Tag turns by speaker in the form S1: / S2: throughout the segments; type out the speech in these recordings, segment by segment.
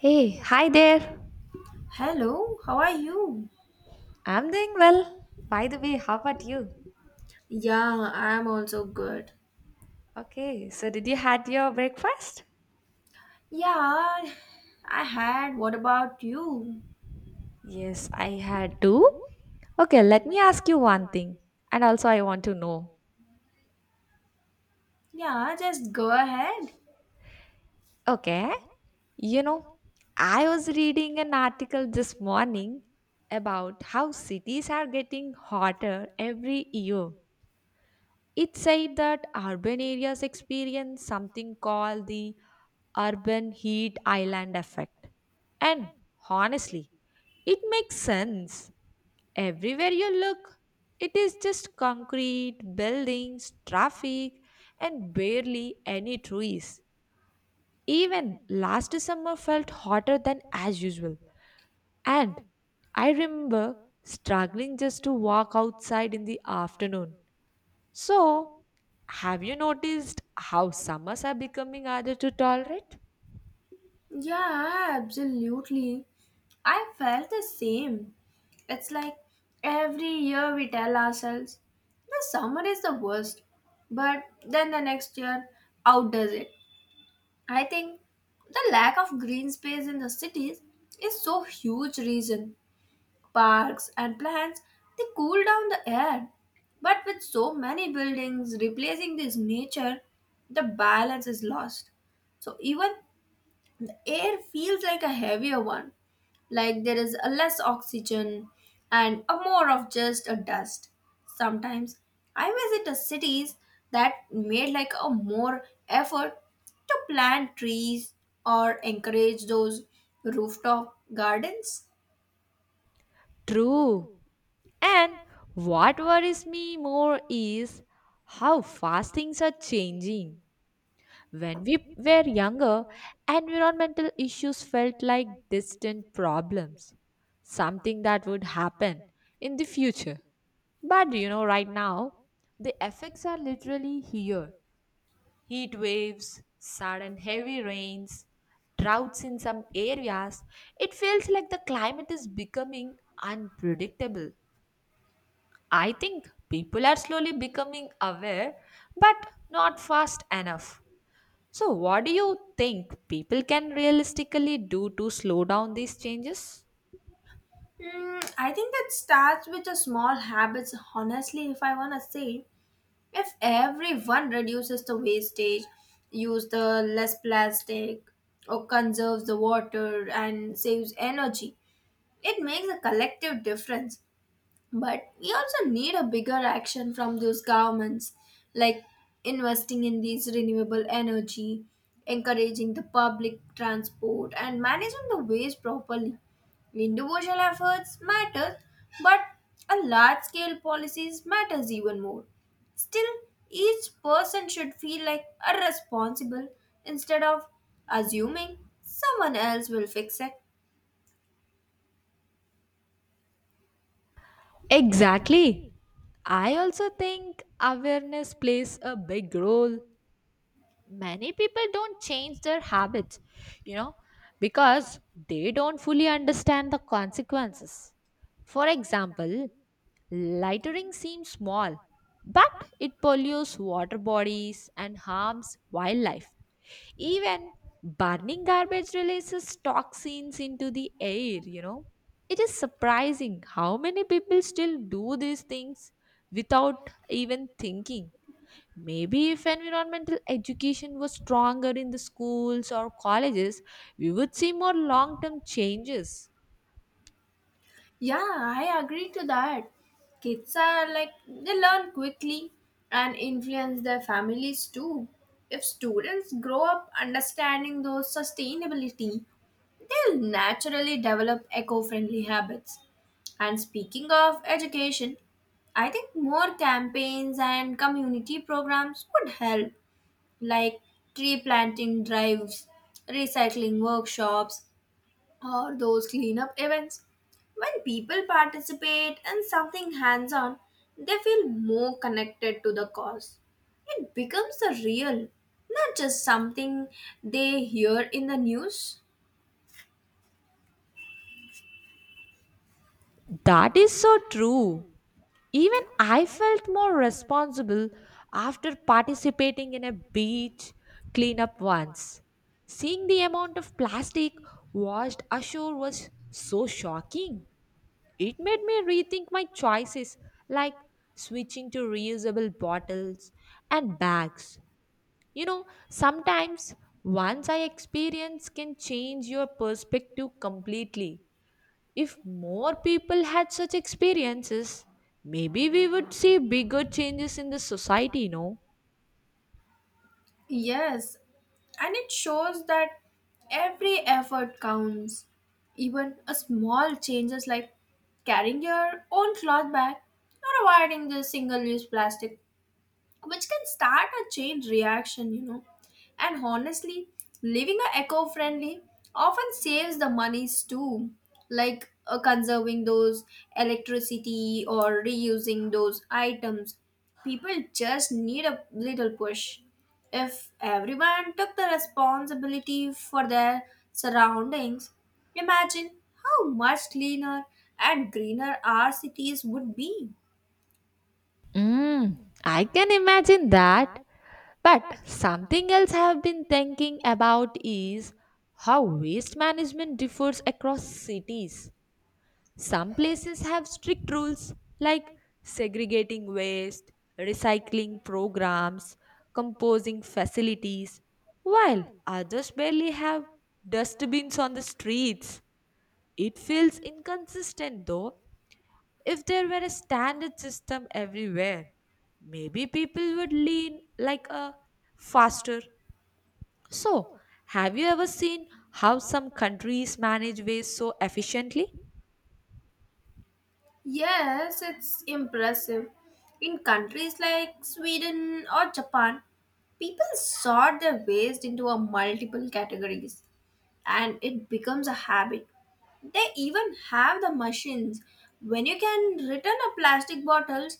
S1: Hey, hi there.
S2: Hello, how are you?
S1: I'm doing well. By the way, how about you?
S2: Yeah, I'm also good.
S1: Okay, so did you had your breakfast?
S2: Yeah, I had. What about you?
S1: Yes, I had too. Okay, let me ask you one thing. And also I want to know.
S2: Yeah, just go ahead.
S1: Okay. You know, I was reading an article this morning about how cities are getting hotter every year. It said that urban areas experience something called the urban heat island effect. And honestly, it makes sense. Everywhere you look, it is just concrete, buildings, traffic, and barely any trees. Even last summer felt hotter than as usual. And I remember struggling just to walk outside in the afternoon, so, have you noticed how summers are becoming harder to tolerate?
S2: Yeah, absolutely. I felt the same. It's like every year we tell ourselves the summer is the worst, but then the next year outdoes it. I think the lack of green space in the cities is so huge reason parks, and plants, they cool down the air. But with so many buildings replacing this nature, the balance is lost. So even the air feels like a heavier one, like there is a less oxygen and a more of just a dust. Sometimes I visit the cities that made like a more effort to plant trees or encourage those rooftop gardens.
S1: True. And what worries me more is how fast things are changing. When we were younger, environmental issues felt like distant problems, something that would happen in the future. But right now, the effects are literally here. Heat waves, sudden heavy rains, droughts in some areas. It feels like the climate is becoming unpredictable. I think people are slowly becoming aware, but not fast enough. So, what do you think people can realistically do to slow down these changes?
S2: Mm, I think that starts with the small habits. Honestly, if I wanna say, if everyone reduces the wastage, use the less plastic, or conserves the water and saves energy, it makes a collective difference. But we also need a bigger action from those governments, like investing in these renewable energy, encouraging the public transport, and managing the waste properly. Individual efforts matter, but a large scale policies matters even more. Still, each person should feel like a responsible instead of assuming someone else will fix it.
S1: Exactly. I also think awareness plays a big role. Many people don't change their habits, you know, because they don't fully understand the consequences. For example, lightering seems small, but it pollutes water bodies and harms wildlife. Even burning garbage releases toxins into the air. It is surprising how many people still do these things without even thinking. Maybe if environmental education was stronger in the schools or colleges, we would see more long term changes.
S2: Yeah, I agree to that. Kids are like, they learn quickly and influence their families too. If students grow up understanding those sustainability, they'll naturally develop eco friendly habits. And speaking of education, I think more campaigns and community programs would help, like tree planting drives, recycling workshops, or those cleanup events. When people participate in something hands on, they feel more connected to the cause. It becomes a real, not just something they hear in the news.
S1: That is so true. Even I felt more responsible after participating in a beach cleanup once. Seeing the amount of plastic washed ashore was so shocking. It made me rethink my choices, like switching to reusable bottles and bags. Sometimes once I experience can change your perspective completely. If more people had such experiences, maybe we would see bigger changes in the society, no?
S2: Yes, and it shows that every effort counts. Even a small changes like carrying your own cloth bag or avoiding the single use plastic which can start a chain reaction, And honestly, living a eco-friendly often saves the monies too, like conserving those electricity or reusing those items. People just need a little push. If everyone took the responsibility for their surroundings, imagine how much cleaner and greener our cities would be.
S1: Mm, I can imagine that. But something else I have been thinking about is how waste management differs across cities. Some places have strict rules like segregating waste, recycling programs, composing facilities, while others barely have dustbins on the streets. It feels inconsistent though. If there were a standard system everywhere, maybe people would lean like a faster. So, have you ever seen how some countries manage waste so efficiently?
S2: Yes, it's impressive. In countries like Sweden or Japan, people sort their waste into a multiple categories and it becomes a habit. They even have the machines. When you can return a plastic bottles,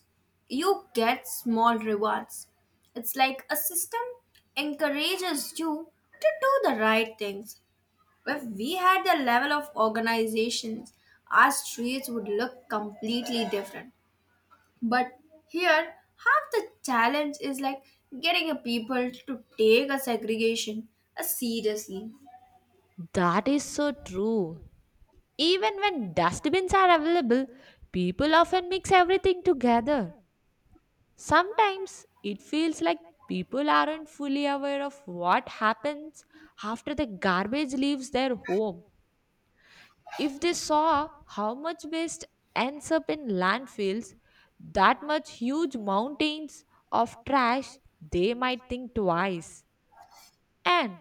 S2: you get small rewards. It's like a system encourages you to do the right things. If we had the level of organizations, our streets would look completely different. But here, half the challenge is like getting a people to take a segregation seriously.
S1: That is so true. Even when dustbins are available, people often mix everything together. Sometimes it feels like people aren't fully aware of what happens after the garbage leaves their home. If they saw how much waste ends up in landfills, that much huge mountains of trash, they might think twice. And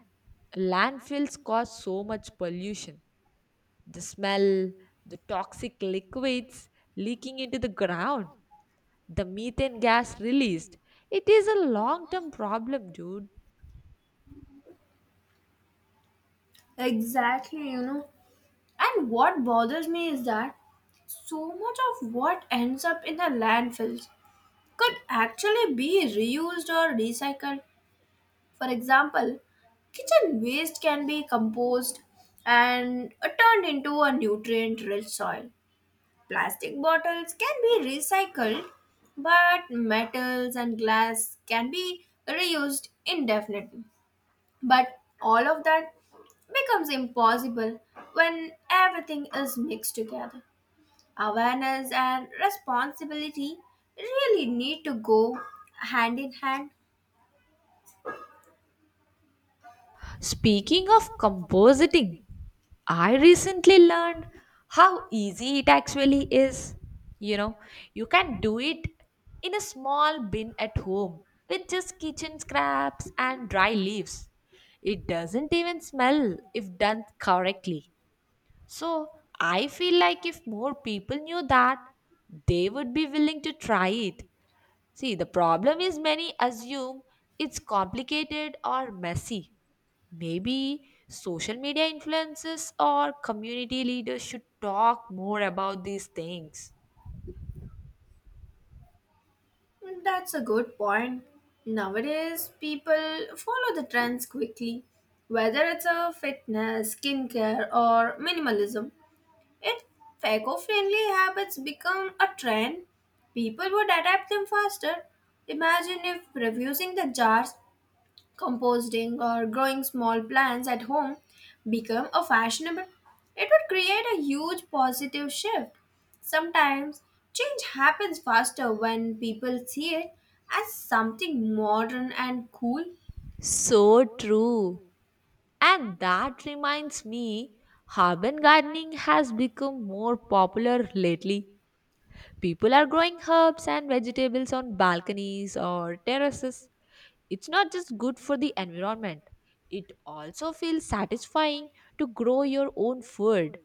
S1: landfills cause so much pollution. The smell, the toxic liquids leaking into the ground, the methane gas released. It is a long term problem, dude.
S2: Exactly, you know. And what bothers me is that so much of what ends up in the landfills could actually be reused or recycled. For example, kitchen waste can be composed and turned into a nutrient rich soil. Plastic bottles can be recycled, but metals and glass can be reused indefinitely. But all of that becomes impossible when everything is mixed together. Awareness and responsibility really need to go hand in hand.
S1: Speaking of compositing, I recently learned how easy it actually is. You know, you can do it in a small bin at home with just kitchen scraps and dry leaves. It doesn't even smell if done correctly. So I feel like if more people knew that, they would be willing to try it. See, the problem is many assume it's complicated or messy. Maybe social media influencers or community leaders should talk more about these things.
S2: That's a good point. Nowadays, people follow the trends quickly, whether it's a fitness, skincare, or minimalism. If eco-friendly habits become a trend, people would adapt them faster. Imagine if refusing the jars composting or growing small plants at home become a fashionable, it would create a huge positive shift. Sometimes change happens faster when people see it as something modern and cool.
S1: So true. And that reminds me, urban gardening has become more popular lately. People are growing herbs and vegetables on balconies or terraces. It's not just good for the environment, it also feels satisfying to grow your own food.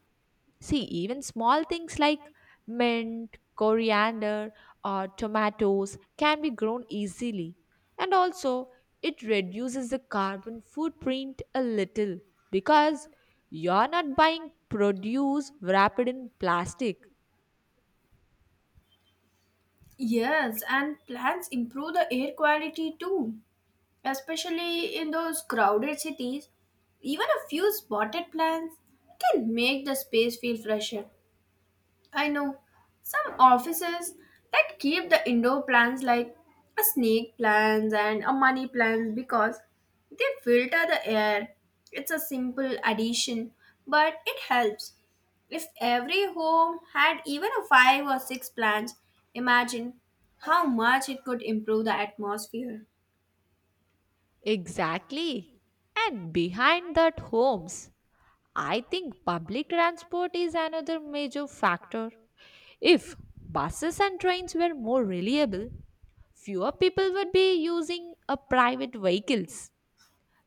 S1: See, even small things like mint, coriander, or tomatoes can be grown easily. And also, it reduces the carbon footprint a little because you're not buying produce wrapped in plastic.
S2: Yes, and plants improve the air quality too, especially in those crowded cities. Even a few spotted plants can make the space feel fresher. I know some offices that keep the indoor plants like a snake plants and a money plants because they filter the air. It's a simple addition, but it helps. If every home had even a five or six plants, imagine how much it could improve the atmosphere.
S1: Exactly. And behind that homes, I think public transport is another major factor. If buses and trains were more reliable, fewer people would be using a private vehicles.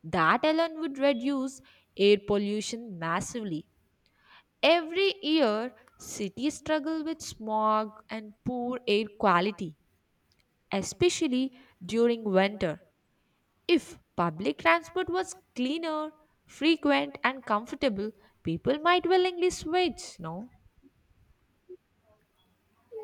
S1: That alone would reduce air pollution massively. Every year, cities struggle with smog and poor air quality, especially during winter. If public transport was cleaner, frequent, and comfortable, people might willingly switch, no?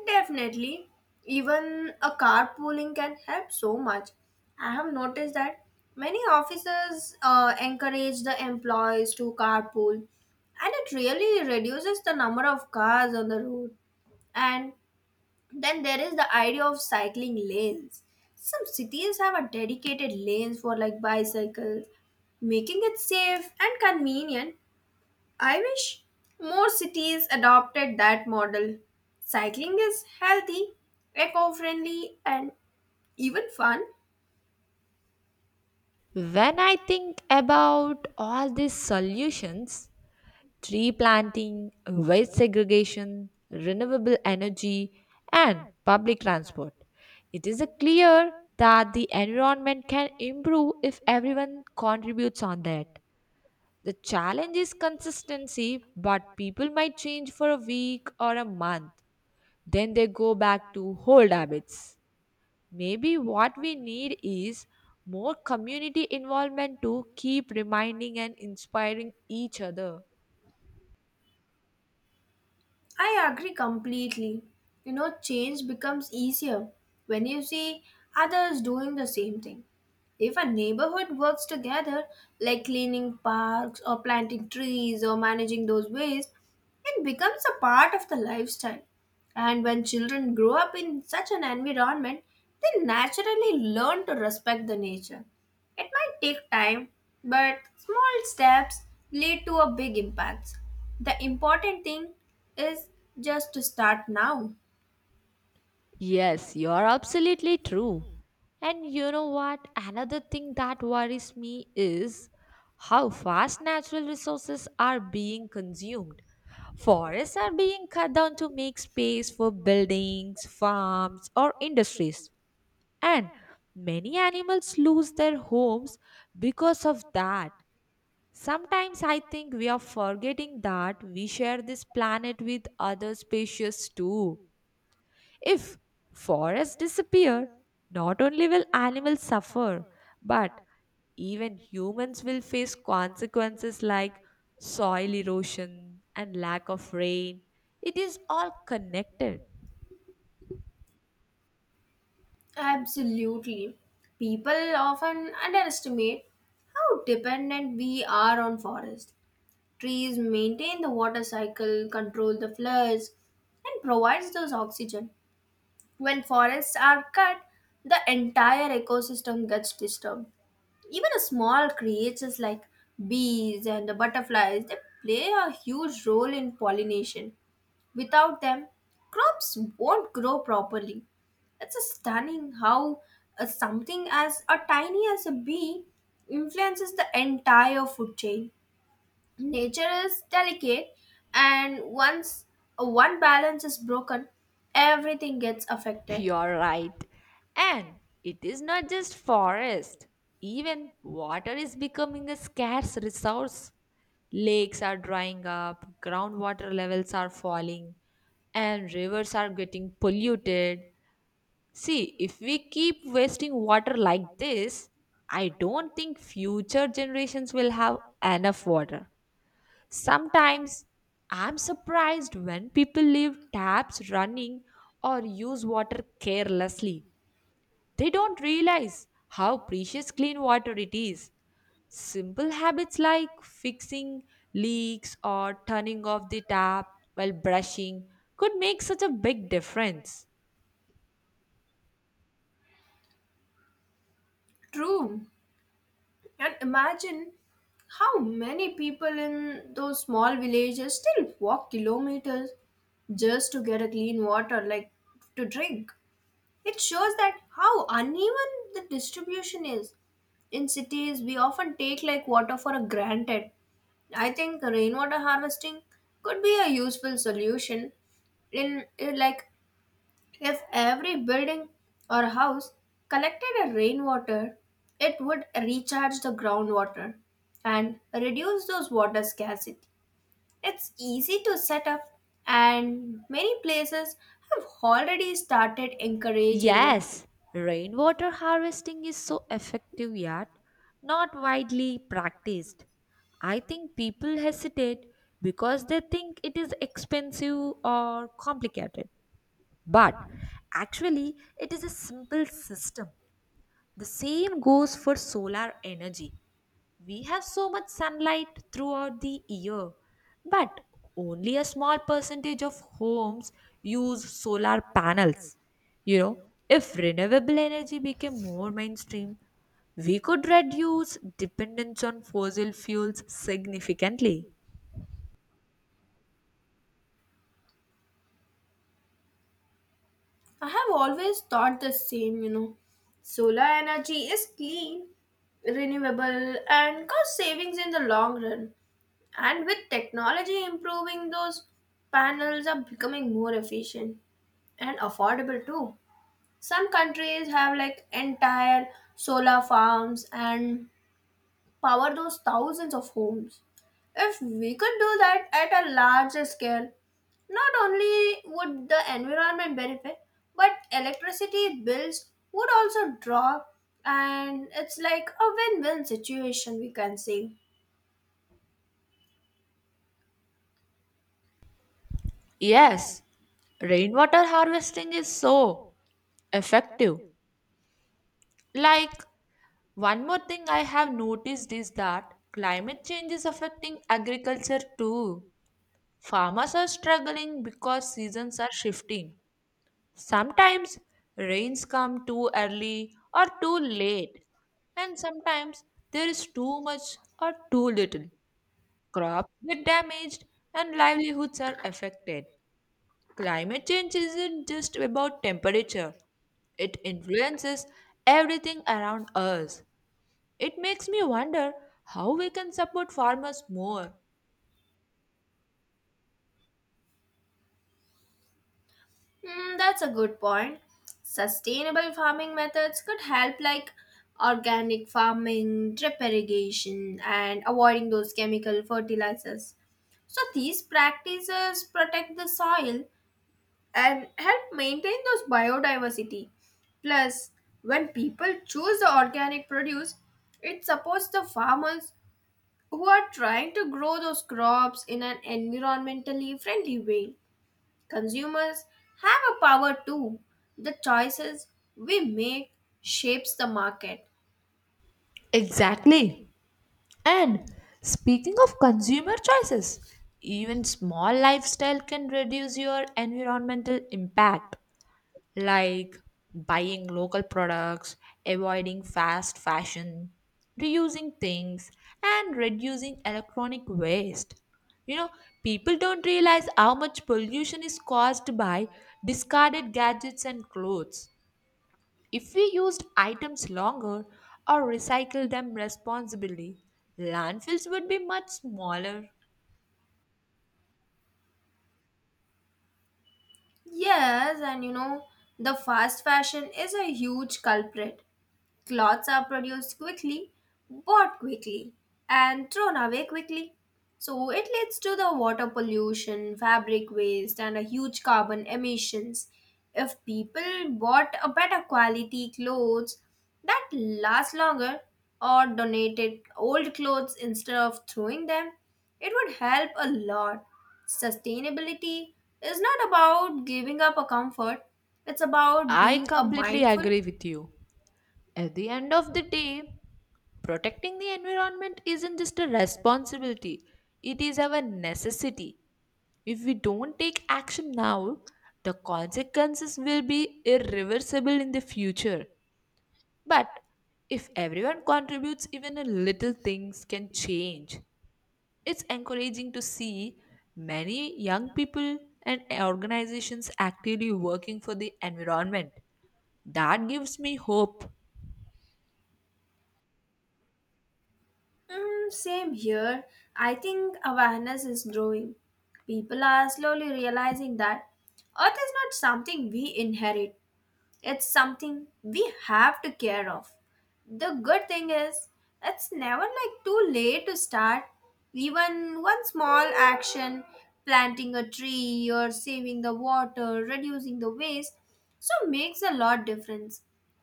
S2: Definitely. Even a carpooling can help so much. I have noticed that many offices encourage the employees to carpool, and it really reduces the number of cars on the road. And then there is the idea of cycling lanes. Some cities have a dedicated lanes for like bicycles, making it safe and convenient. I wish more cities adopted that model. Cycling is healthy, eco friendly, and even fun.
S1: When I think about all these solutions: tree planting, waste segregation, renewable energy, and public transport, it is a clear that the environment can improve if everyone contributes on that. The challenge is consistency, but people might change for a week or a month. Then they go back to old habits. Maybe what we need is more community involvement to keep reminding and inspiring each other.
S2: I agree completely. You know, change becomes easier when you see others doing the same thing. If a neighborhood works together, like cleaning parks or planting trees or managing those waste, it becomes a part of the lifestyle. And when children grow up in such an environment, they naturally learn to respect the nature. It might take time, but small steps lead to a big impact. The important thing is just to start now.
S1: Yes, you are absolutely true. And you know what? Another thing that worries me is how fast natural resources are being consumed. Forests are being cut down to make space for buildings, farms, or industries. And many animals lose their homes because of that. Sometimes I think we are forgetting that we share this planet with other species too. If forests disappear, not only will animals suffer, but even humans will face consequences like soil erosion and lack of rain. It is all connected.
S2: Absolutely. People often underestimate how dependent we are on forest. Trees maintain the water cycle, control the floods, and provides those oxygen. When forests are cut, the entire ecosystem gets disturbed. Even a small creatures like bees and the butterflies, they play a huge role in pollination. Without them, crops won't grow properly. It's stunning how something as a tiny as a bee influences the entire food chain. Nature is delicate, and once one balance is broken, everything gets affected.
S1: You're right. And it is not just forest. Even water is becoming a scarce resource. Lakes are drying up, groundwater levels are falling, and rivers are getting polluted. See, if we keep wasting water like this, I don't think future generations will have enough water. Sometimes I'm surprised when people leave taps running or use water carelessly. They don't realize how precious clean water it is. Simple habits like fixing leaks or turning off the tap while brushing could make such a big difference.
S2: True. And imagine how many people in those small villages still walk kilometers just to get a clean water like to drink. It shows that how uneven the distribution is. In cities, we often take like water for a granted. I think rainwater harvesting could be a useful solution in like if every building or house collected a rainwater, it would recharge the groundwater and reduce those water scarcity. It's easy to set up and many places have already started encouraging it.
S1: Yes, rainwater harvesting is so effective yet not widely practiced. I think people hesitate because they think it is expensive or complicated. But actually, it is a simple system. The same goes for solar energy. We have so much sunlight throughout the year, but only a small percentage of homes use solar panels. You know, if renewable energy became more mainstream, we could reduce dependence on fossil fuels significantly.
S2: I have always thought the same, you know. Solar energy is clean, renewable, and cost savings in the long run. And with technology improving, those panels are becoming more efficient and affordable too. Some countries have like entire solar farms and power those thousands of homes. If we could do that at a larger scale, not only would the environment benefit, but electricity bills would also drop, and it's like a win win situation, we can say.
S1: Yes, rainwater harvesting is so effective. Like, one more thing I have noticed is that climate change is affecting agriculture too. Farmers are struggling because seasons are shifting. Sometimes rains come too early or too late, and sometimes there is too much or too little. Crops get damaged and livelihoods are affected. Climate change isn't just about temperature, it influences everything around us. It makes me wonder how we can support farmers more.
S2: Hmm, that's a good point. Sustainable farming methods could help, like organic farming, drip irrigation, and avoiding those chemical fertilizers. So, these practices protect the soil and help maintain those biodiversity. Plus, when people choose the organic produce, it supports the farmers who are trying to grow those crops in an environmentally friendly way. Consumers have a power too. The choices we make shapes the market.
S1: Exactly. And speaking of consumer choices, even small lifestyle can reduce your environmental impact, like buying local products, avoiding fast fashion, reusing things, and reducing electronic waste. You know, People don't realize how much pollution is caused by discarded gadgets and clothes. If we used items longer or recycled them responsibly, landfills would be much smaller.
S2: Yes, and you know, the fast fashion is a huge culprit. Clothes are produced quickly, bought quickly, and thrown away quickly. So it leads to the water pollution, fabric waste, and a huge carbon emissions. If people bought a better quality clothes that last longer or donated old clothes instead of throwing them, it would help a lot. Sustainability is not about giving up a comfort, it's about
S1: I
S2: being a
S1: completely
S2: mindful.
S1: agree with you. At the end of the day, protecting the environment isn't just a responsibility, it is our necessity. If we don't take action now, the consequences will be irreversible in the future. But if everyone contributes, even a little things can change. It's encouraging to see many young people and organizations actively working for the environment. That gives me hope.
S2: Mm, same here. I think awareness is growing. People are slowly realizing that Earth is not something we inherit, it's something we have to care of. The good thing is, it's never like too late to start. Even one small action, planting a tree or saving the water, reducing the waste, so makes a lot difference.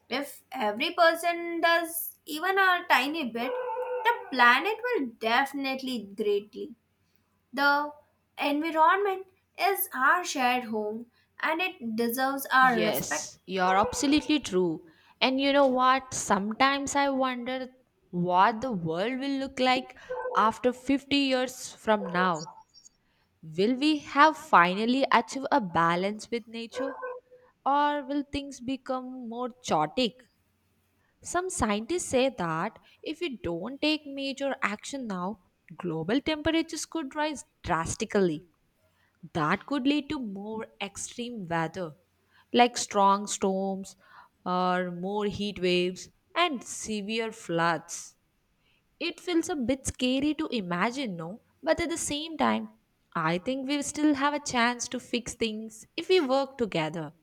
S2: If every person does even a tiny bit, the planet will definitely greatly. The environment is our shared home and it deserves our respect.
S1: Yes, you're absolutely true. And you know what? Sometimes I wonder what the world will look like after 50 years from now. Will we have finally achieved a balance with nature or will things become more chaotic? Some scientists say that if we don't take major action now, global temperatures could rise drastically. That could lead to more extreme weather, like strong storms or more heat waves and severe floods. It feels a bit scary to imagine, no? But at the same time, I think we still have a chance to fix things if we work together.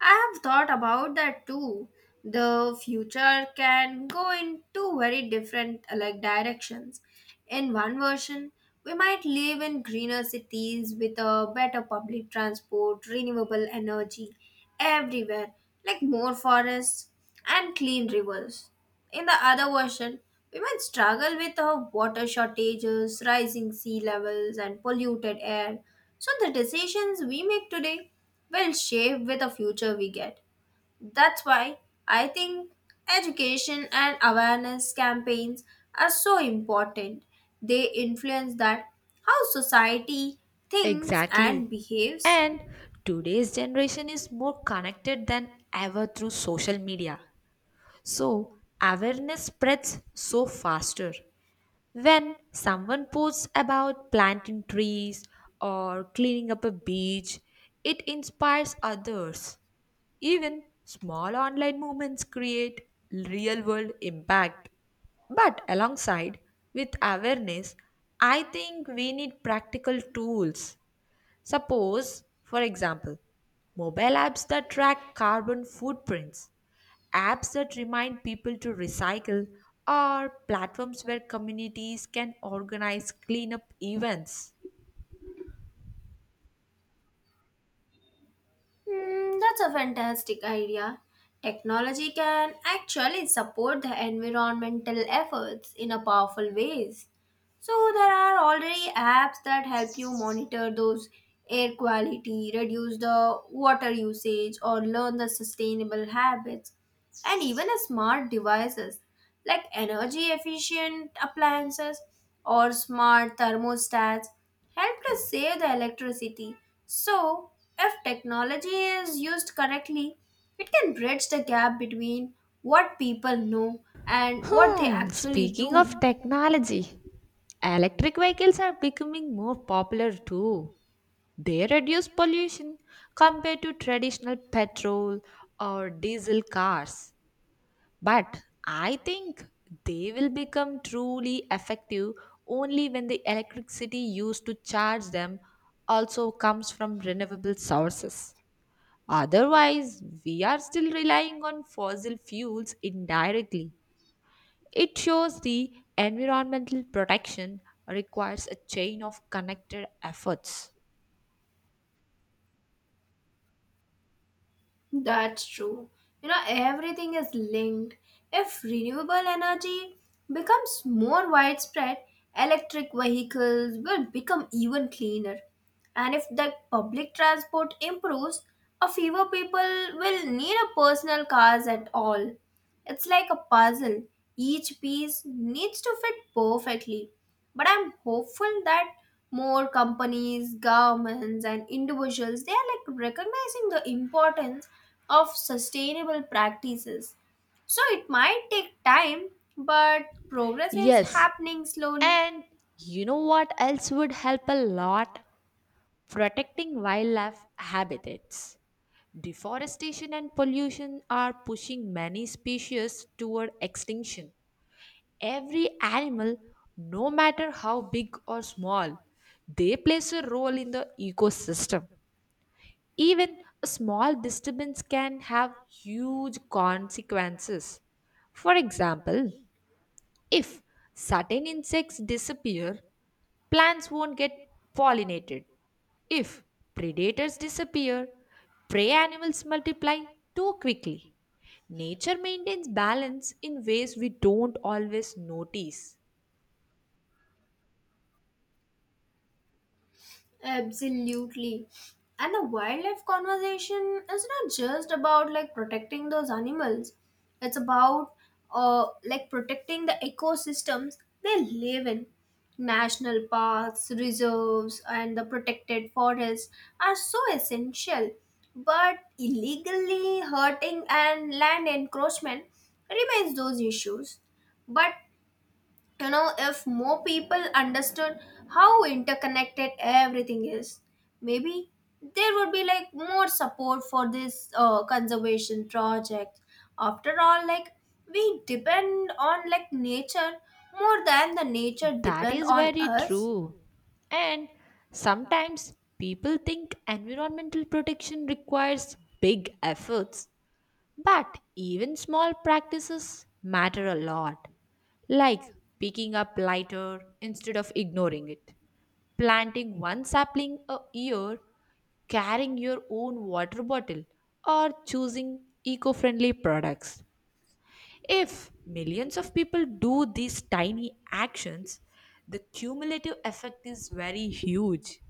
S2: I have thought about that too. The future can go in two very different like directions. In one version, we might live in greener cities with a better public transport, renewable energy everywhere, like more forests and clean rivers. In the other version, we might struggle with water shortages, rising sea levels, and polluted air. So the decisions we make today will shape with the future we get. That's why I think education and awareness campaigns are so important. They influence that how society thinks
S1: Exactly.
S2: and behaves.
S1: And today's generation is more connected than ever through social media. So, awareness spreads so faster. When someone posts about planting trees or cleaning up a beach, it inspires others. Even small online movements create real world impact. But alongside with awareness, I think we need practical tools. Suppose, for example, mobile apps that track carbon footprints, apps that remind people to recycle, or platforms where communities can organize cleanup events.
S2: Hmm, that's a fantastic idea. Technology can actually support the environmental efforts in a powerful ways. So there are already apps that help you monitor those air quality, reduce the water usage or learn the sustainable habits and even a smart devices like energy efficient appliances or smart thermostats help us save the electricity. So if technology is used correctly, it can bridge the gap between what people know and what they
S1: Hmm,
S2: actually
S1: speaking of
S2: do.
S1: technology, electric vehicles are becoming more popular too. They reduce pollution compared to traditional petrol or diesel cars. But I think they will become truly effective only when the electricity used to charge them also comes from renewable sources. Otherwise, we are still relying on fossil fuels indirectly. It shows the environmental protection requires a chain of connected efforts.
S2: That's true. You know, everything is linked. If renewable energy becomes more widespread, electric vehicles will become even cleaner. And if the public transport improves, a fewer people will need a personal cars at all. It's like a puzzle. Each piece needs to fit perfectly. But I'm hopeful that more companies, governments and individuals they are like recognizing the importance of sustainable practices. So it might take time, but progress is
S1: Yes,
S2: happening slowly.
S1: and you know what else would help a lot? Protecting wildlife habitats. Deforestation and pollution are pushing many species toward extinction. Every animal, no matter how big or small, they plays a role in the ecosystem. Even a small disturbance can have huge consequences. For example, if certain insects disappear, plants won't get pollinated. If predators disappear, prey animals multiply too quickly. Nature maintains balance in ways we don't always notice.
S2: Absolutely. And the wildlife conversation is not just about like protecting those animals. It's about like protecting the ecosystems they live in. National parks, reserves and the protected forests are so essential. But illegally hurting and land encroachment remains those issues. But you know if more people understood how interconnected everything is, maybe there would be like more support for this conservation project. After all, like, we depend on like nature more than the nature
S1: That
S2: depend
S1: is
S2: on
S1: very
S2: us.
S1: true. And sometimes people think environmental protection requires big efforts, but even small practices matter a lot, like picking up lighter instead of ignoring it, planting one sapling a year, carrying your own water bottle, or choosing eco friendly products. If millions of people do these tiny actions, the cumulative effect is very huge.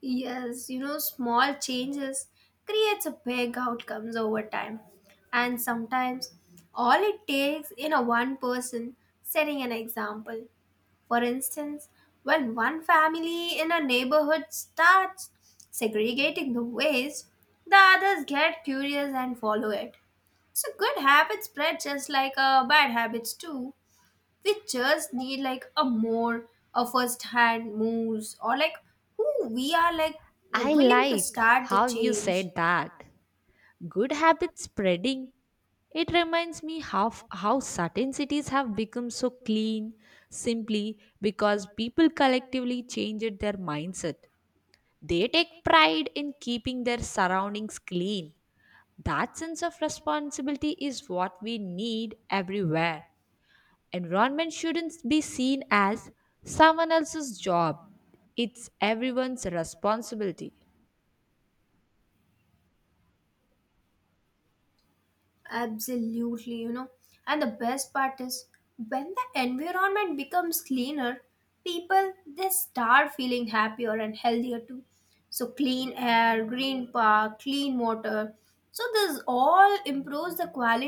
S2: Yes, you know, small changes creates a big outcomes over time. And sometimes all it takes in a one person setting an example. For instance, when one family in a neighborhood starts segregating the waste, the others get curious and follow it. So good habits spread just like bad habits too. We just need like a more, a first hand moves or like who we are like
S1: I
S2: willing to
S1: like
S2: start the
S1: how you
S2: change.
S1: said that. Good habits spreading. It reminds me how certain cities have become so clean simply because people collectively changed their mindset. They take pride in keeping their surroundings clean. That sense of responsibility is what we need everywhere. Environment shouldn't be seen as someone else's job, it's everyone's responsibility.
S2: Absolutely, you know. And the best part is when the environment becomes cleaner people they start feeling happier and healthier too. So clean air, green park, clean water, so this all improves the quality